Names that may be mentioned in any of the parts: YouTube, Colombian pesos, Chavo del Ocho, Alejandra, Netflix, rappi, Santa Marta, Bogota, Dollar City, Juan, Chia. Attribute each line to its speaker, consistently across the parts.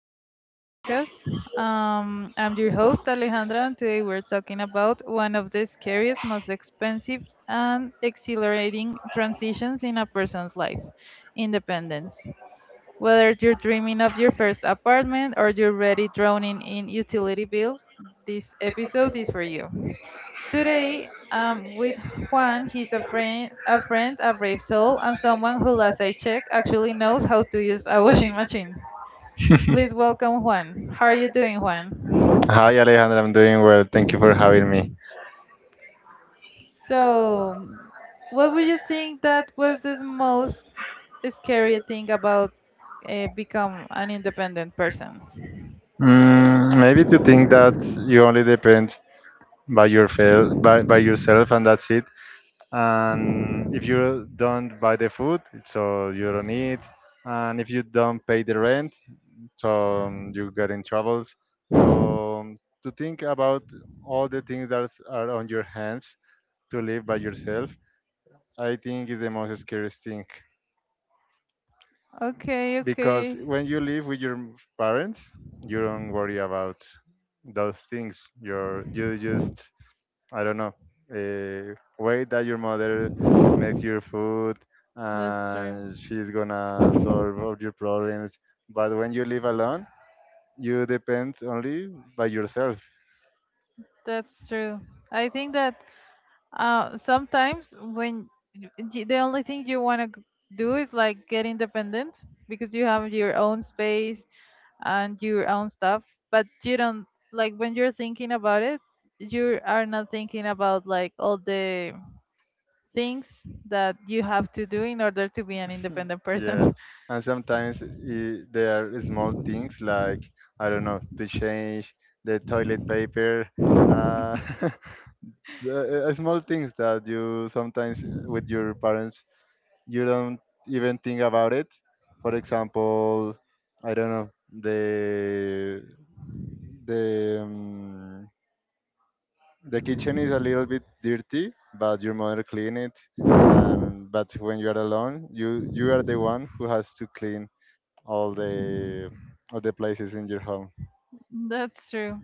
Speaker 1: to my podcast. I'm your host, Alejandra, and today we're talking about one of the scariest, most expensive, and exhilarating transitions in a person's life independence. Whether you're dreaming of your first apartment or you're already drowning in utility bills, this episode is for you. Today, I'm with Juan. He's a friend, a brave soul, and someone who, last I check, actually knows how to use a washing machine. Please welcome Juan. How are you doing, Juan?
Speaker 2: Hi Alejandra, I'm doing well. Thank you for having me.
Speaker 1: So, what would you think that was the most scary thing about become an independent person?
Speaker 2: Maybe to think that you only depend by yourself, and that's it. And if you don't buy the food, so you don't eat. And if you don't pay the rent, so you get in troubles. So um, to think about all the things that are on your hands to live by yourself, I think is the most scariest thing.
Speaker 1: Okay,
Speaker 2: Because
Speaker 1: okay.
Speaker 2: when you live with your parents, you don't worry about those things. You just I don't know wait that your mother makes your food
Speaker 1: That's true.
Speaker 2: and she's gonna solve all your problems. But when you live alone, you depend only by yourself.
Speaker 1: That's true. I think that sometimes when the only thing you want to do is like get independent because you have your own space and your own stuff, but you don't like when you're thinking about it, you are not thinking about like all the things that you have to do in order to be an independent
Speaker 2: Yeah,
Speaker 1: person.
Speaker 2: and sometimes I there are small things like, I don't know, to change the toilet paper, uh, small things that you sometimes, with your parents, you don't even think about it. For example, I don't know, the um, the kitchen is a little bit dirty, but your mother clean it. And but when you are alone, you are the one who has to clean all the all the places in your home.
Speaker 1: That's true.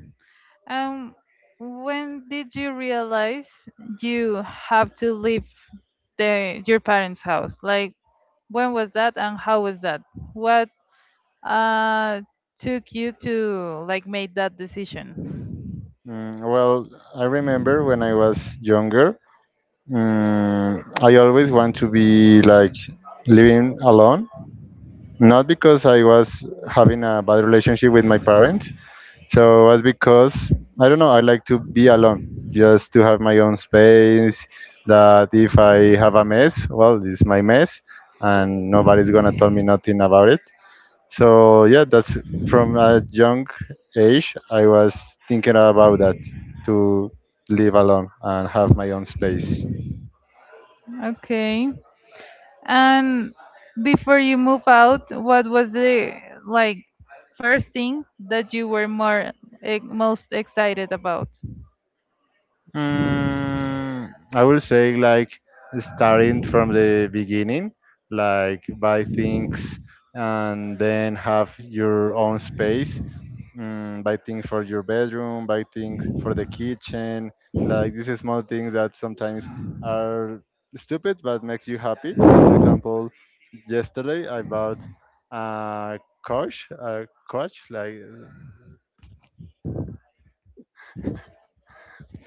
Speaker 1: Um, when did you realize you have to leave the your parents' house? Like when was that and how was that? What uh, took you to like make that decision?
Speaker 2: Well, I remember when I was younger, I always want to be like living alone, not because I was having a bad relationship with my parents. So it was because, I don't know, I like to be alone, just to have my own space. That if I have a mess, well, this is my mess, and nobody's gonna tell me nothing about it. So yeah, that's from a young age. I was thinking about that, to live alone and have my own space.
Speaker 1: Okay. And before you move out, what was the like first thing that you were more most excited about?
Speaker 2: Mm, I will say like starting from the beginning, like buy things and then have your own space. Buy things for your bedroom, buy things for the kitchen. Like these are small things that sometimes are stupid but makes you happy. For example, yesterday I bought a a couch like,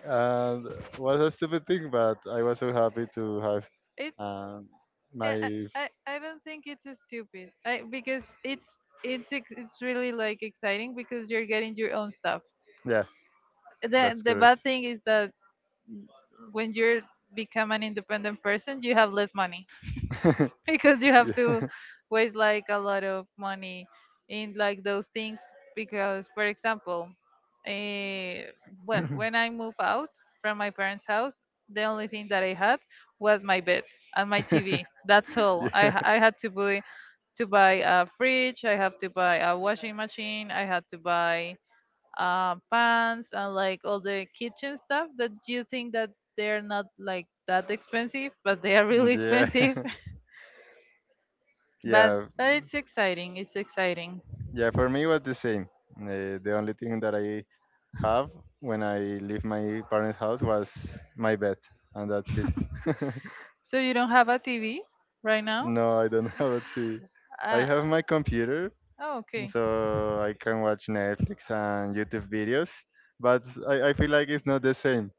Speaker 2: and was a stupid thing, but I was so happy to have
Speaker 1: It,
Speaker 2: um,
Speaker 1: eh,
Speaker 2: my
Speaker 1: I don't think it's a stupid. I because it's it's really like exciting because you're getting your own stuff.
Speaker 2: yeah,
Speaker 1: The
Speaker 2: that's
Speaker 1: the
Speaker 2: correct.
Speaker 1: bad thing is that n- when you're become an independent person you have less money because you have to
Speaker 2: Yeah.
Speaker 1: waste like a lot of money in like those things because for example eh, when I moved out from my parents house the only thing that I had was my bed and my tv. That's all i,
Speaker 2: Yeah.
Speaker 1: ha- I had to buy. To buy a fridge I have to buy a washing machine, I had to buy pans and like all the kitchen stuff that you think that they're not like that expensive, but they are really
Speaker 2: Yeah.
Speaker 1: expensive. But
Speaker 2: Yeah.
Speaker 1: it's exciting. It's exciting.
Speaker 2: Yeah, for me it was the same. The only thing that I have when I leave my parents' house was my bed, and that's it.
Speaker 1: So you don't have a TV right now?
Speaker 2: No, I don't have a TV. I
Speaker 1: Uh,
Speaker 2: have my computer,
Speaker 1: oh, okay.
Speaker 2: so I can watch Netflix and YouTube videos, but I feel like it's not the same.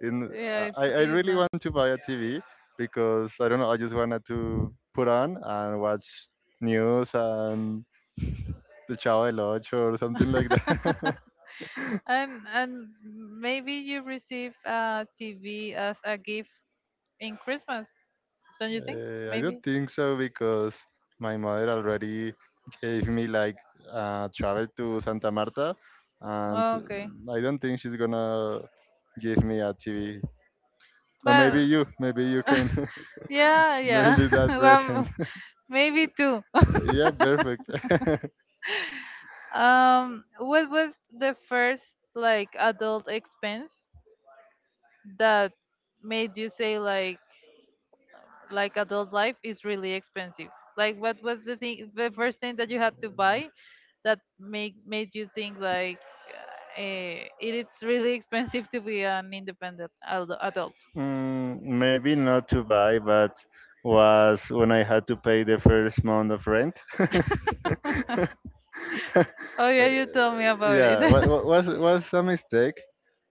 Speaker 2: In,
Speaker 1: Yeah,
Speaker 2: I
Speaker 1: it is
Speaker 2: really
Speaker 1: not.
Speaker 2: want to buy a TV because, I don't know, I just wanted to put on and watch news and the Chavo del Ocho or something like that.
Speaker 1: And maybe you receive a TV as a gift in Christmas, don't you think?
Speaker 2: I don't
Speaker 1: Maybe.
Speaker 2: think so because my mother already gave me like travel to Santa Marta, and
Speaker 1: Okay.
Speaker 2: I don't think she's gonna give me a TV. Or
Speaker 1: But
Speaker 2: maybe you can
Speaker 1: yeah,
Speaker 2: make
Speaker 1: yeah.
Speaker 2: me that present.
Speaker 1: Well, maybe two.
Speaker 2: Yeah, perfect.
Speaker 1: What was the first like adult expense that made you say like adult life is really expensive? Like, what was the thing, the first thing that you had to buy that make made you think like it is really expensive to be an independent adult.
Speaker 2: Maybe not to buy, but was when I had to pay the first month of rent.
Speaker 1: Oh
Speaker 2: Uh,
Speaker 1: yeah, you told me about it.
Speaker 2: yeah, was was a mistake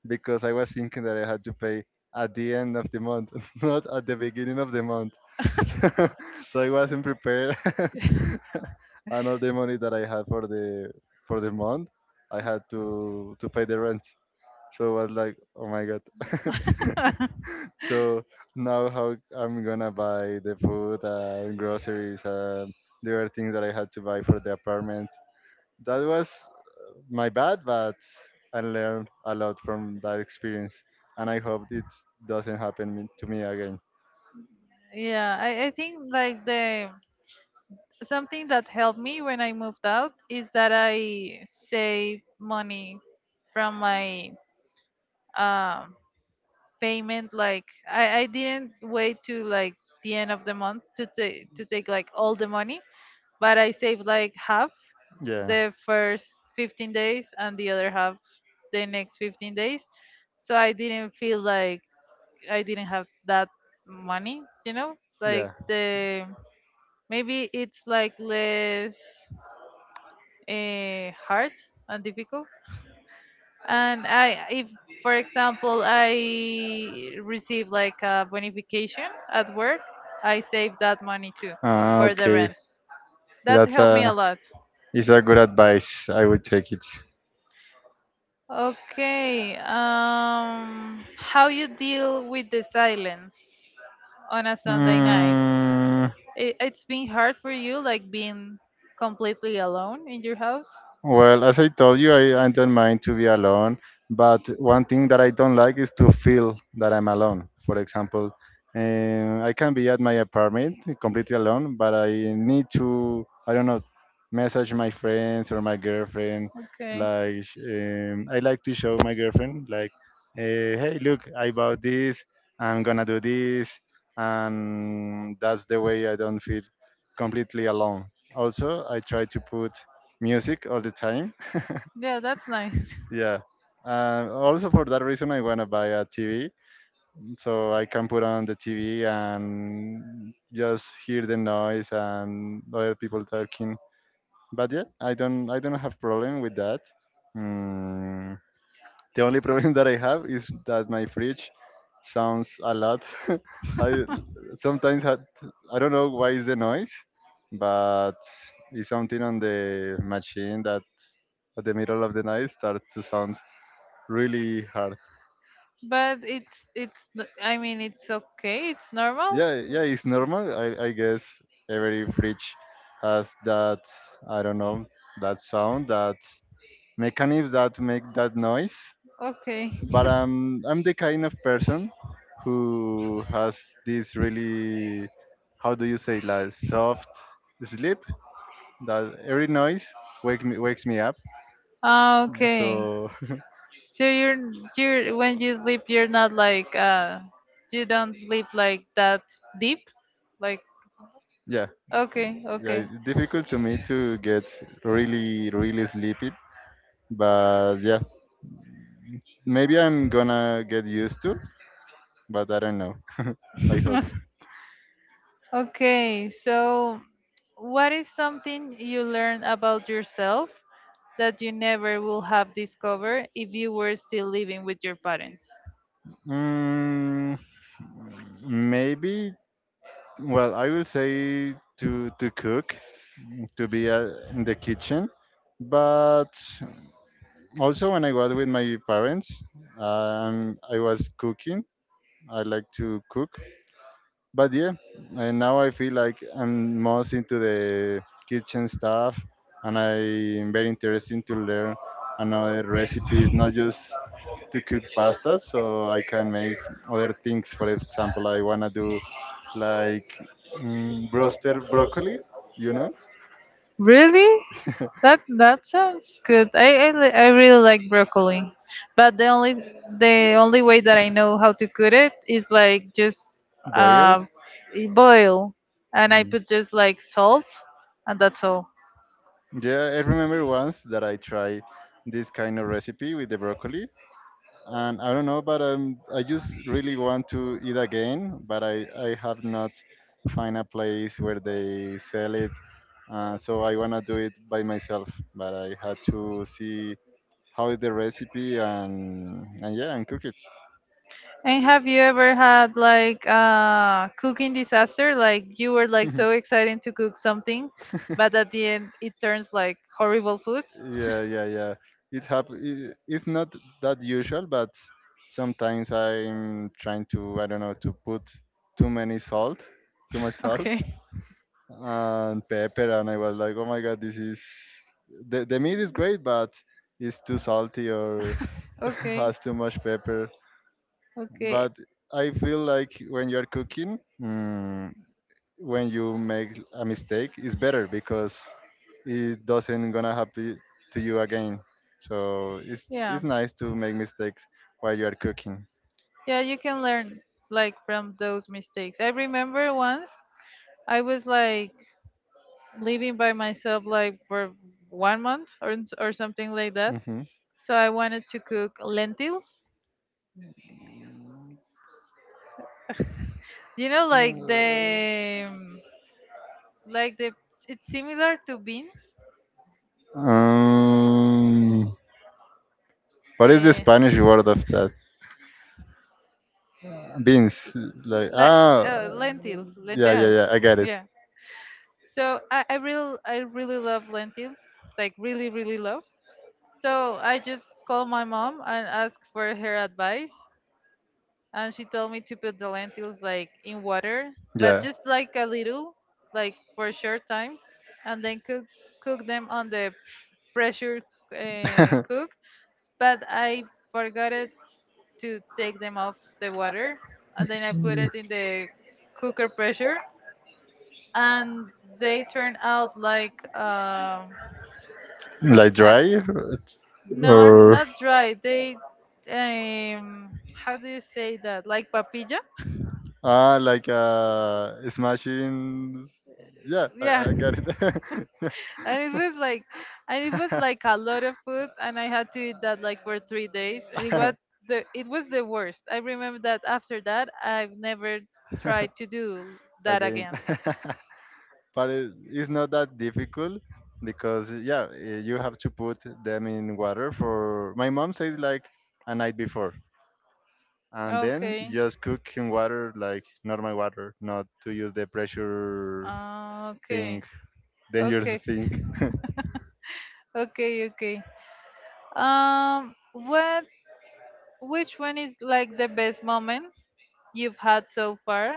Speaker 2: because I was thinking that I had to pay at the end of the month, not at the beginning of the month. So, so I wasn't prepared, and all the money that I had for the month, I had to pay the rent. So I was like, oh my god. So now how I'm gonna buy the food and groceries and the other things that I had to buy for the apartment. That was my bad, but I learned a lot from that experience, and I hope it doesn't to me again.
Speaker 1: Yeah, I think like the something that helped me when I moved out is that I save money from my um, payment. Like I didn't wait to like the end of the month to take like all the money. But I save like half
Speaker 2: Yeah.
Speaker 1: the first 15 days and the other half the next 15 days. So I didn't feel like I didn't have that money, you know? Like
Speaker 2: Yeah.
Speaker 1: the maybe it's like less hard and difficult. And I if for example I receive like a bonification at work, I save that money
Speaker 2: Ah,
Speaker 1: too
Speaker 2: for Ah,
Speaker 1: for the
Speaker 2: okay.
Speaker 1: rent. That
Speaker 2: That's
Speaker 1: helped me
Speaker 2: helped
Speaker 1: a
Speaker 2: lot.
Speaker 1: lot.
Speaker 2: Is a good advice. I would take it.
Speaker 1: Okay. How you deal with the silence on a Sunday night?
Speaker 2: Mm.
Speaker 1: It's been hard for you, like being completely alone in your house.
Speaker 2: Well, as I told you, I don't mind to be alone, but one thing that I don't like is to feel that I'm alone. For example, I can be at my apartment completely alone, but I need to, I don't know, message my friends or my girlfriend.
Speaker 1: Okay.
Speaker 2: Like, I like to show my girlfriend, like, hey, look, I bought this, I'm gonna do this, and that's the way I don't feel completely alone. Also, I try to put music all the time.
Speaker 1: Yeah, that's nice.
Speaker 2: Yeah. Also for that reason, I wanna buy a TV so I can put on the TV and just hear the noise and other people talking. But yeah, I don't have problem with that. Mm, The only problem that I have is that my fridge sounds a lot. I sometimes had, I don't know why is the noise, but it's something on the machine that at the middle of the night starts to sound really hard.
Speaker 1: But I mean, it's okay. It's normal.
Speaker 2: Yeah, yeah, it's normal. I guess every fridge has that, I don't know, that sound, that mechanism that make that noise.
Speaker 1: Okay.
Speaker 2: But I'm the kind of person who has this really, how do you say, like soft sleep that every noise wakes me up.
Speaker 1: Ah, okay.
Speaker 2: So
Speaker 1: So you're when you sleep, you're not like you don't sleep like that deep, like
Speaker 2: yeah,
Speaker 1: okay,
Speaker 2: yeah,
Speaker 1: okay.
Speaker 2: it's difficult to me to get really really sleepy. But yeah, maybe I'm gonna get used to, but I don't know. I hope.
Speaker 1: Okay, so what is something you learned about yourself that you never will have discovered if you were still living with your parents?
Speaker 2: Mm, Maybe. Well, I will say to cook, to be in the kitchen. But also, when I was with my parents, I was cooking. I like to cook. But yeah, and now I feel like I'm most into the kitchen stuff, and I'm very interested to learn another recipes, not just to cook pasta. So I can make other things. For example, I wanna do like roasted broccoli. You know,
Speaker 1: Really? That sounds good. I really like broccoli, but the only way that I know how to cook it is like just
Speaker 2: boil.
Speaker 1: uh, boil, and I
Speaker 2: Mm.
Speaker 1: put just like salt, and that's all.
Speaker 2: Yeah, I remember once that I tried this kind of recipe with the broccoli, and I don't know, but I just really want to eat again, but I have not find a place where they sell it, so I wanna do it by myself. But I had to see how is the recipe and yeah, and cook it.
Speaker 1: And have you ever had like a cooking disaster? Like you were like so excited to cook something, but at the end it turns like horrible food?
Speaker 2: Yeah, yeah, yeah. It happens. It's not that usual, but sometimes I'm trying to, I don't know, to put too many salt, too much salt
Speaker 1: Okay,
Speaker 2: and pepper, and I was like, oh my god, this is the meat is great, but it's too salty or
Speaker 1: okay,
Speaker 2: has too much pepper.
Speaker 1: okay.
Speaker 2: But I feel like when you're cooking, when you make a mistake, it's better because it doesn't gonna happen to you again. So
Speaker 1: Yeah,
Speaker 2: it's nice to make mistakes while you are cooking.
Speaker 1: yeah, you can learn like from those mistakes. I remember once I was like living by myself like for one month or, or something like that.
Speaker 2: Hmm.
Speaker 1: So I wanted to cook lentils. You know, like the it's similar to beans,
Speaker 2: Um, what is the
Speaker 1: uh,
Speaker 2: Spanish word of that? Beans, like
Speaker 1: like
Speaker 2: ah,
Speaker 1: lentils,
Speaker 2: yeah, yeah,
Speaker 1: lentejas.
Speaker 2: yeah. I got it.
Speaker 1: Yeah, so I really love lentils, like really really love. So I just called my mom and asked for her advice, and she told me to put the lentils like in water, but
Speaker 2: Yeah,
Speaker 1: just like a little, like for a short time, and then cook them on the pressure, cook but I forgot it to take them off the water, and then I put it in the cooker pressure, and they turn out like
Speaker 2: like
Speaker 1: uh,
Speaker 2: dry or
Speaker 1: not dry, they how do you say that, like, papilla?
Speaker 2: Ah, like smashing. Yeah,
Speaker 1: Yeah,
Speaker 2: I got it.
Speaker 1: it was like and it was like a lot of food, and I had to eat that like for 3 days, and it was the worst. I remember that after that I've never tried to do that
Speaker 2: Again,
Speaker 1: again.
Speaker 2: but it's not that difficult because yeah, you have to put them in water for. My mom said like a night before, and then
Speaker 1: Okay.
Speaker 2: just cook in water like normal water, not to use the pressure
Speaker 1: Ah,
Speaker 2: thing,
Speaker 1: okay,
Speaker 2: dangerous
Speaker 1: okay,
Speaker 2: thing.
Speaker 1: okay, okay. Um, what, which one is like the best moment you've had so far,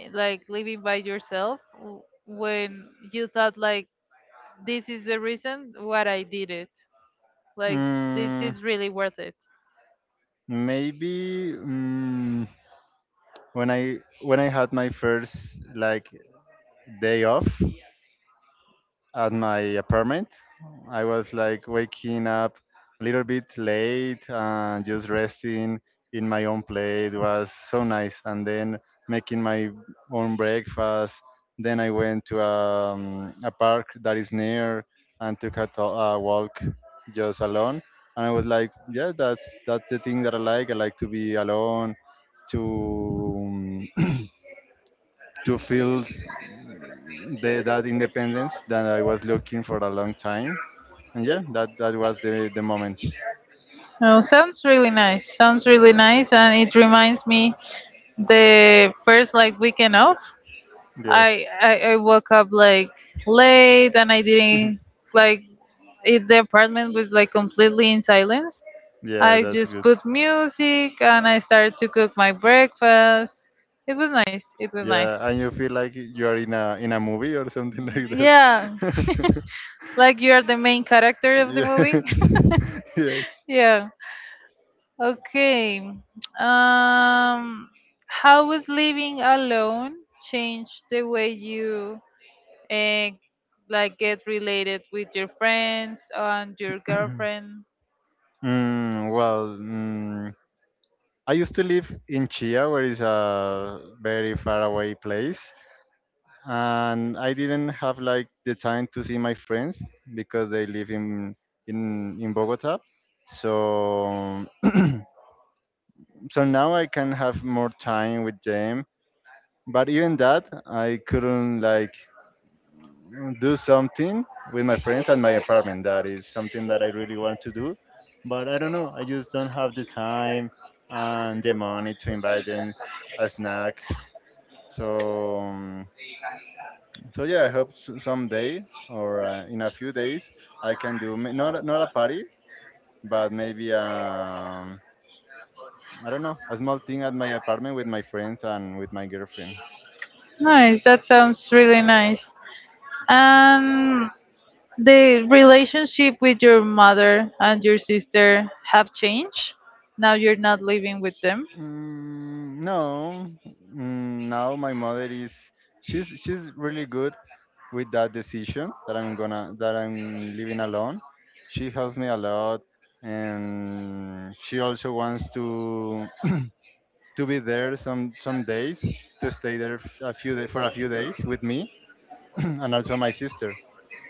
Speaker 1: like living by yourself, when you thought like this is the reason what I did it, like this
Speaker 2: Mm,
Speaker 1: is really worth it.
Speaker 2: Maybe when I had my first like day off, at my apartment. I was like waking up a little bit late and just resting in my own place. It was so nice. And then making my own breakfast. Then I went to a park that is near and took a, a walk just alone. And I was like, yeah, that's the thing that I like. I like to be alone, to to feel that independence that I was looking for a long time. And yeah, that was the moment.
Speaker 1: Oh, sounds really nice. Sounds really nice, and it reminds me the first like weekend off.
Speaker 2: Yeah.
Speaker 1: I woke up like late, and I didn't like it, the apartment was like completely in silence.
Speaker 2: Yeah,
Speaker 1: I
Speaker 2: that's
Speaker 1: just
Speaker 2: good.
Speaker 1: put music and I started to cook my breakfast. It was nice. It was
Speaker 2: Yeah,
Speaker 1: nice.
Speaker 2: and you feel like you are in a movie or something like
Speaker 1: Yeah,
Speaker 2: that.
Speaker 1: like you are the main character of the
Speaker 2: Yeah,
Speaker 1: movie.
Speaker 2: yes.
Speaker 1: Yeah. Okay. Um, how was living alone change the way you uh, like get related with your friends and your girlfriend?
Speaker 2: Well, I used to live in Chia, where is a very far away place, and I didn't have like the time to see my friends because they live in Bogota. So so now I can have more time with them. But even that, I couldn't like do something with my friends at my apartment. That is something that I really want to do. But I don't know. I just don't have the time and the money to invite them a snack. So um, So yeah, I hope someday or in a few days I can do not not a party, but maybe I don't know a small thing at my apartment with my friends and with my girlfriend.
Speaker 1: Nice. That sounds really nice. Um. The relationship with your mother and your sister have changed. Now you're not living with them.
Speaker 2: No, now my mother is she's really good with that decision that I'm gonna that I'm living alone. She helps me a lot, and she also wants to. To be there some days to stay there a few for a few days with me and also my sister.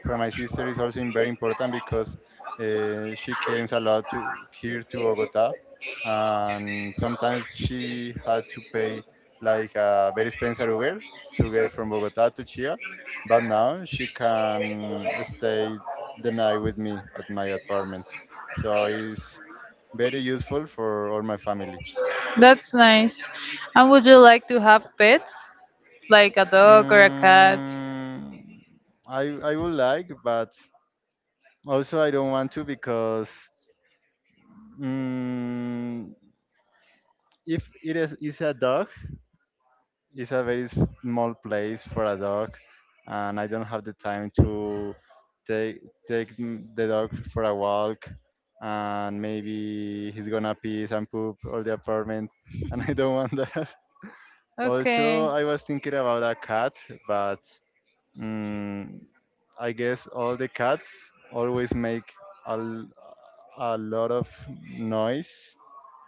Speaker 2: For my sister is also very important because she comes a lot to here to Bogota, and sometimes she had to pay like a very expensive Uber to get from Bogota to Chia, but now she can stay the night with me at my apartment. So it's very useful for all my family.
Speaker 1: That's nice. And would you like to have pets, like a dog or a cat?
Speaker 2: Mm, I would like, but also I don't want to because mm, if it is a dog, it's a very small place for a dog, and I don't have the time to take the dog for a walk, and maybe he's gonna piss and poop all the apartment, and I don't want that. Also,
Speaker 1: Okay.
Speaker 2: I was thinking about a cat, but Mm, I guess all the cats always make a, l- a lot of noise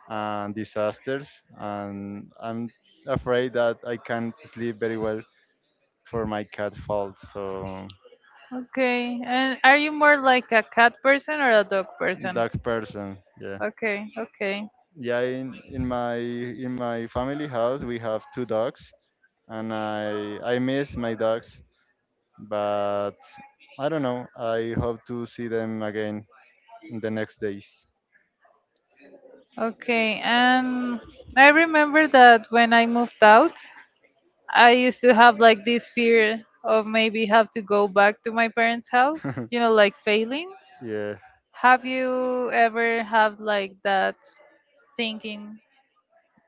Speaker 2: and disasters, and I'm afraid that I can't sleep very well for my cat fault. So
Speaker 1: Okay. And are you more like a cat person or a dog person?
Speaker 2: dog person, yeah,
Speaker 1: Okay, okay,
Speaker 2: yeah. In my family house we have two dogs, and I miss my dogs, but I don't know. I hope to see them again in the next days.
Speaker 1: okay. And I remember that when I moved out, I used to have like this fear of maybe have to go back to my parents' house, like failing.
Speaker 2: Yeah.
Speaker 1: Have you ever have like that thinking?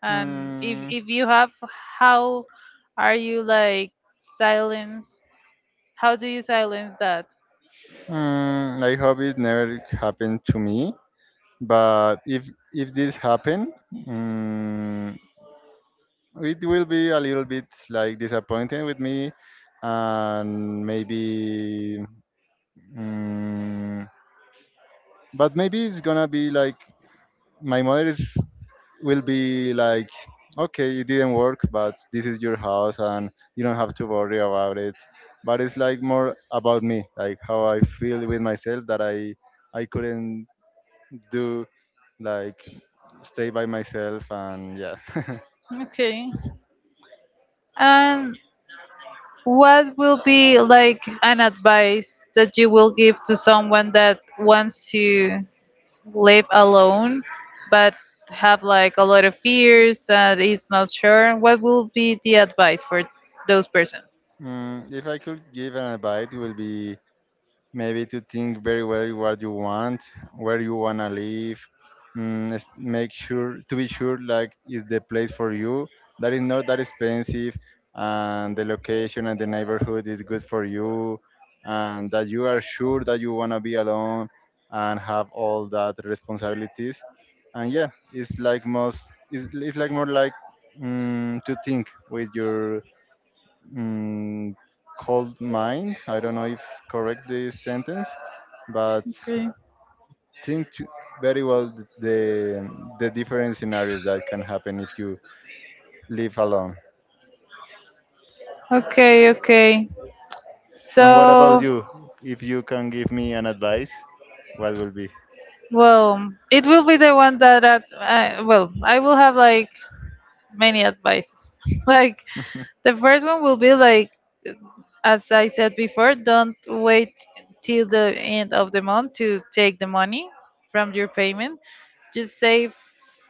Speaker 1: Um, if
Speaker 2: Mm,
Speaker 1: if you have, how are you like silence? How do you silence that?
Speaker 2: I hope it never happened to me. But if this happen, it will be a little bit like disappointing with me, and maybe. Mm, but maybe it's gonna be like my mother is will be like, okay, it didn't work, but this is your house and you don't have to worry about it. But it's like more about me, like how I feel with myself that I couldn't do like stay by myself and yeah.
Speaker 1: Okay. And what will be like an advice that you will give to someone that wants to live alone but have like a lot of fears and is not sure what will be the advice for those person?
Speaker 2: If I could give an advice, it will be maybe to think very well what you want, where you wanna live. Make sure to be sure like is the place for you that is not that expensive, and the location and the neighborhood is good for you, and that you are sure that you wanna be alone and have all that responsibilities. And yeah, it's like most it's like more like to think with your mm, cold mind. I don't know if correct this sentence, but
Speaker 1: Okay,
Speaker 2: think to very well the different scenarios that can happen if you live alone.
Speaker 1: okay, okay.
Speaker 2: And what about
Speaker 1: So,
Speaker 2: you? If you can give me an advice, what will be?
Speaker 1: well, it will be the one that at, I, well I will have like many advices like the first one will be like, as I said before, don't wait till the end of the month to take the money from your payment. Just save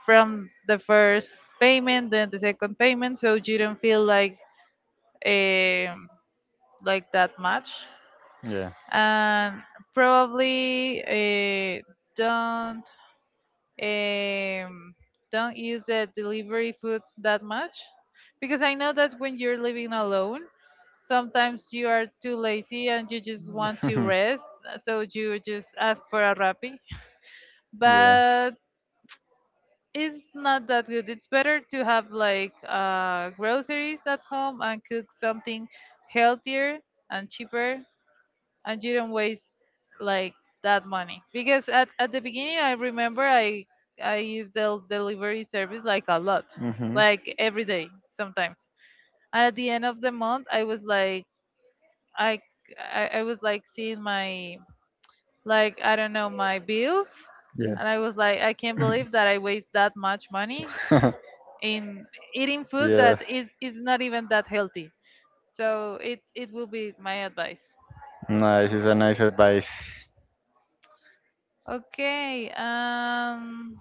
Speaker 1: from the first payment then the second payment, so you don't feel um like that much.
Speaker 2: Yeah.
Speaker 1: And probably don't um, don't use the delivery foods that much because I know that when you're living alone sometimes you are too lazy and you just want to rest, so you just ask for a rappi.
Speaker 2: Yeah.
Speaker 1: But it's not that good. It's better to have like groceries at home and cook something healthier and cheaper, and you don't waste like that money. Because at the beginning, I remember I used the delivery service like a lot,
Speaker 2: Mm-hmm.
Speaker 1: like every day sometimes. And at the end of the month, I was like I I was like seeing my like I don't know my bills,
Speaker 2: Yeah.
Speaker 1: and I was like I can't believe that I waste that much money in eating food
Speaker 2: Yeah.
Speaker 1: that is not even that healthy. So it will be my advice.
Speaker 2: Nice. It's a nice advice.
Speaker 1: Okay.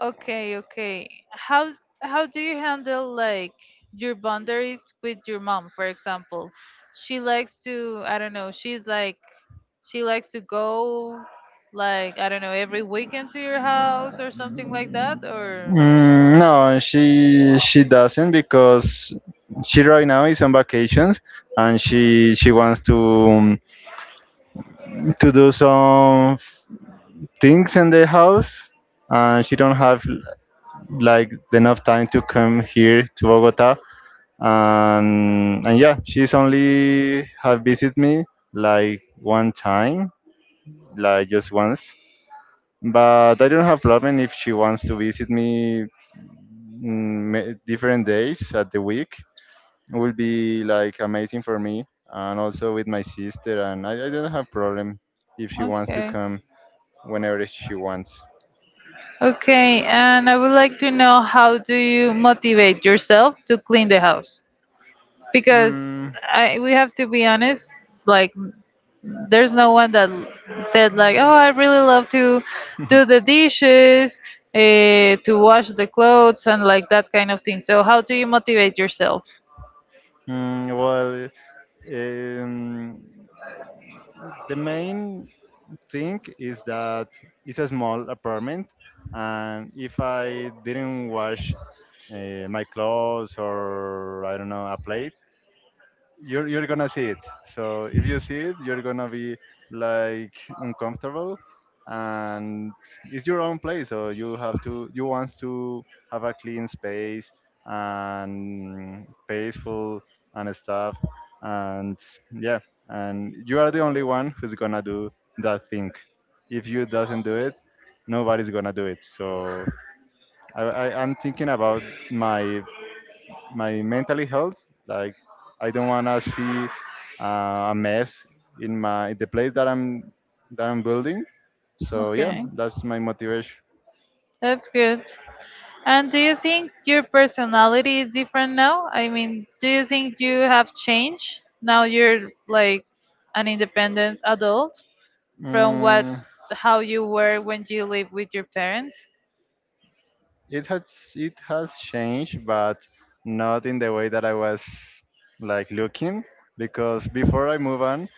Speaker 1: Okay. Okay. How do you handle like your boundaries with your mom, for example? She likes to I don't know. She's like she likes to go like I don't know every weekend to your house or something like that. Or
Speaker 2: No, she doesn't because she right now is on vacations and she wants to do some things in the house and she don't have like enough time to come here to Bogota and yeah she's only have visit me like one time, like just once, but I don't have problem if she wants to visit me, different days at the week. It will be like amazing for me, and also with my sister. And I don't have problem if she wants to
Speaker 1: okay.
Speaker 2: come whenever she wants.
Speaker 1: Okay, and I would like to know how do you motivate yourself to clean the house? Because
Speaker 2: Mm,
Speaker 1: I we have to be honest, like there's no one that said like, "Oh, I really love to do the dishes, to wash the clothes and like that kind of thing." So, how do you motivate yourself?
Speaker 2: well, um, the main thing is that it's a small apartment, and if I didn't wash my clothes or I don't know a plate, you're gonna see it. So if you see it, you're gonna be like uncomfortable, and it's your own place. So you have to you want to have a clean space and peaceful and stuff, and yeah, and you are the only one who's gonna do that thing. If you doesn't do it, nobody's gonna do it. So I'm thinking about my my mentally health. Like I don't wanna see a mess in my the place that I'm building. So yeah,
Speaker 1: Okay,
Speaker 2: that's my motivation.
Speaker 1: that's good. And do you think your personality is different now? I mean, do you think you have changed? Now you're like an independent adult from what
Speaker 2: Mm,
Speaker 1: how you were when you lived with your parents?
Speaker 2: it has changed, but not in the way that I was like looking because before I move on,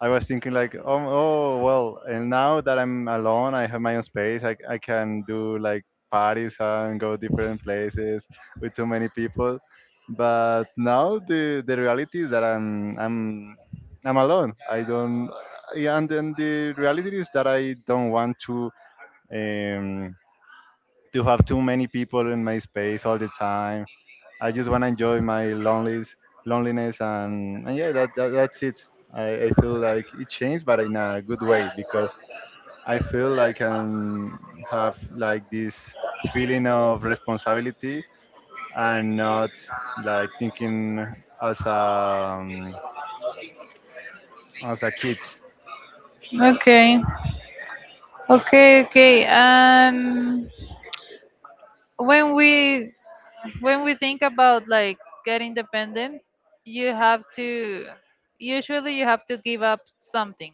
Speaker 2: I was thinking like, oh well, and now that I'm alone, I have my own space. I can do like parties and go different places with too many people. But now the reality is that I'm alone. I don't. Yeah, and then the reality is that I don't want um to have too many people in my space all the time. I just want to enjoy my loneliness, loneliness, and yeah, that's it. I feel like it changed, but in a good way because I feel like I have like this feeling of responsibility and not like thinking as a um, as a kid.
Speaker 1: Okay. Okay, okay. When we think about like getting dependent, you have to usually you have to give up something.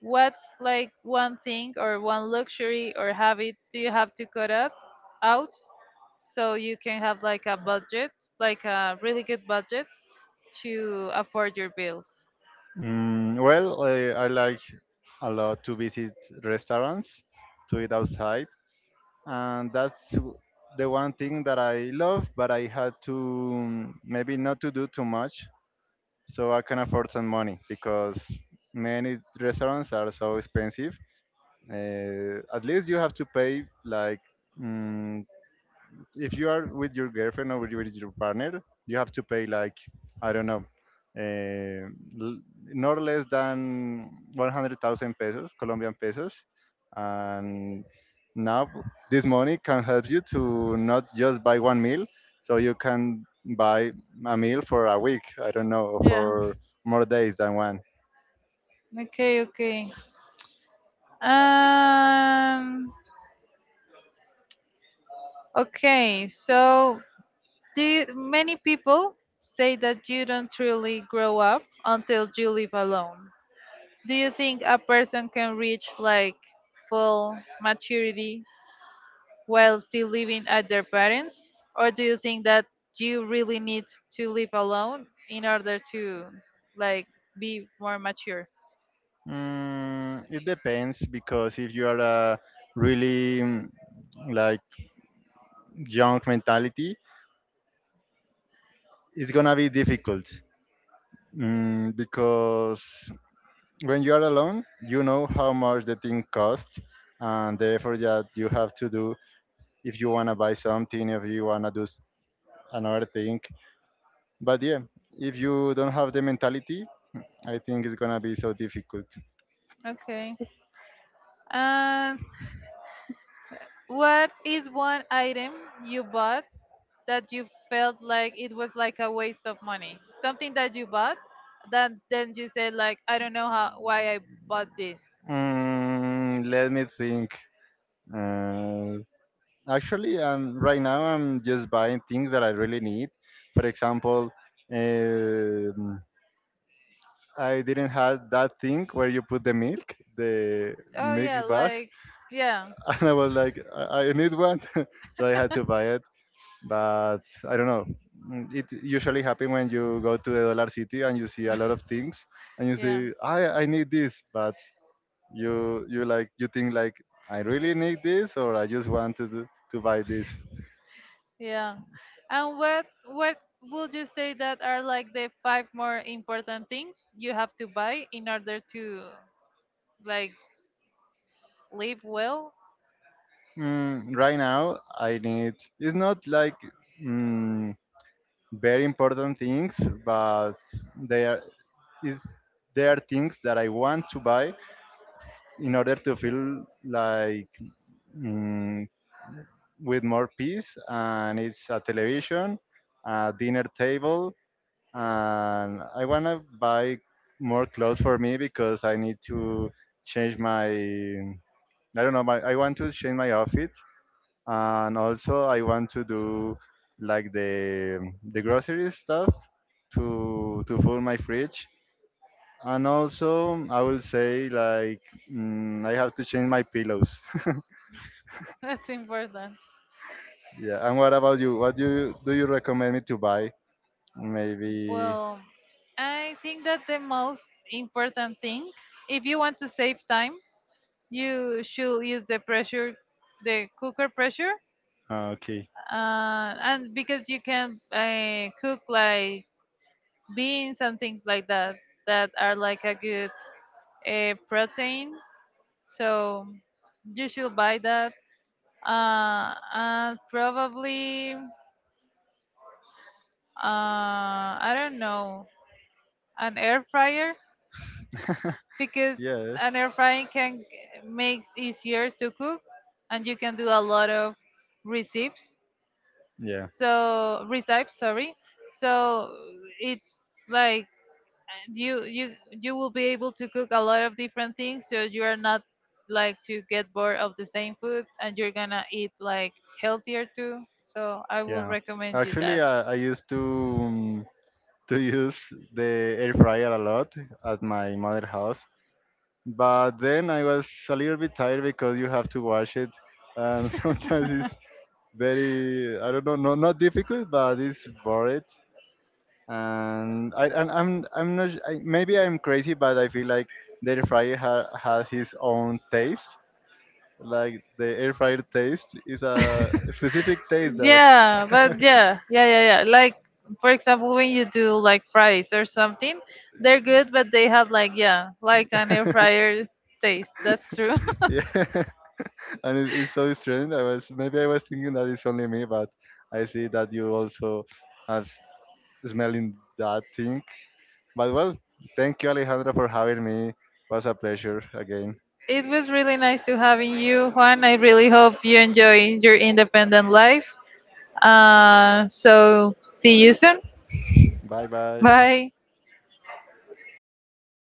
Speaker 1: What's like one thing or one luxury or habit do you have to cut out so you can have like a budget, like a really good budget to afford your bills?
Speaker 2: Well, I like a lot to visit restaurants, to eat outside, and that's the one thing that I love, but I had to, maybe not to do too much so I can afford some money because many restaurants are so expensive. At least you have to pay like mm, if you are with your girlfriend or with your partner, you have to pay like I don't know, uh, not less than 100,000 pesos, Colombian pesos, and now this money can help you to not just buy one meal, so you can buy a meal for a week. I don't know, or
Speaker 1: Yeah.
Speaker 2: for more days than one.
Speaker 1: Okay, okay. Um okay, so many people say that you don't truly grow up until you live alone. Do you think a person can reach like full maturity while still living at their parents? Or do you think that you really need to live alone in order to like be more mature?
Speaker 2: It depends because if you are a really like young mentality, it's gonna be difficult. Because when you are alone, you know how much the thing costs and the effort that you have to do if you want to buy something, if you want to do another thing. But yeah, if you don't have the mentality, I think it's going to be so difficult.
Speaker 1: Okay. Uh, What is one item you bought that you felt like it was like a waste of money? Something that you bought that then you said like I don't know how why I bought this.
Speaker 2: Let me think. Uh, Actually, right now I'm just buying things that I really need. For example, um I didn't have that thing where you put the
Speaker 1: Oh
Speaker 2: milk
Speaker 1: yeah,
Speaker 2: bag,
Speaker 1: like yeah,
Speaker 2: and I was like, I need one, so I had to buy it. But I don't know. It usually happens when you go to the Dollar City and you see a lot of things, and you
Speaker 1: yeah,
Speaker 2: say, I need this, but you like you think like I really need this, or I just want to do, to buy this.
Speaker 1: yeah. And what would you say that are like the five more important things you have to buy in order to like live well?
Speaker 2: Right now, I need. It's not like. Mm, Very important things, but they are is they are things that I want to buy in order to feel like mm, with more peace. And it's a television, a dinner table, and I wanna buy more clothes for me because I need to change my I don't know my I want to change my outfit, and also I want to do like the grocery stuff to fill my fridge. And also, I will say like I have to change my pillows.
Speaker 1: That's important.
Speaker 2: Yeah. And what about you? What do you, do you recommend me to buy? Maybe.
Speaker 1: Well, I think that the most important thing, if you want to save time, you should use the pressure, the cooker pressure,
Speaker 2: Okay.
Speaker 1: and because you can cook like beans and things like that that are like a good protein. So you should buy that. And probably, I don't know, an air fryer because
Speaker 2: Yes.
Speaker 1: an air frying can makes easier to cook and you can do a lot of recipes,
Speaker 2: Yeah.
Speaker 1: so recipes sorry, so it's like you will be able to cook a lot of different things, so you are not like to get bored of the same food and you're gonna eat like healthier too, so I will
Speaker 2: Yeah.
Speaker 1: recommend you
Speaker 2: Actually,
Speaker 1: that.
Speaker 2: I used to use the air fryer a lot at my mother house, but then I was a little bit tired because you have to wash it, and sometimes it's very I don't know, no, not difficult, but it's bored. And I'm not maybe I'm crazy, but I feel like the air fryer has his own taste. Like the air fryer taste is a specific taste that
Speaker 1: yeah but yeah, yeah, yeah, yeah, like for example when you do like fries or something they're good but they have like yeah like an air fryer taste. That's true.
Speaker 2: yeah, and it's so strange. I was maybe I was thinking that it's only me, but I see that you also have smelling that thing. But well, thank you, Alejandra, for having me. Was a pleasure again.
Speaker 1: it was really nice to having you Juan, I really hope you enjoy your independent life so see you soon.
Speaker 2: Bye bye.
Speaker 1: Bye.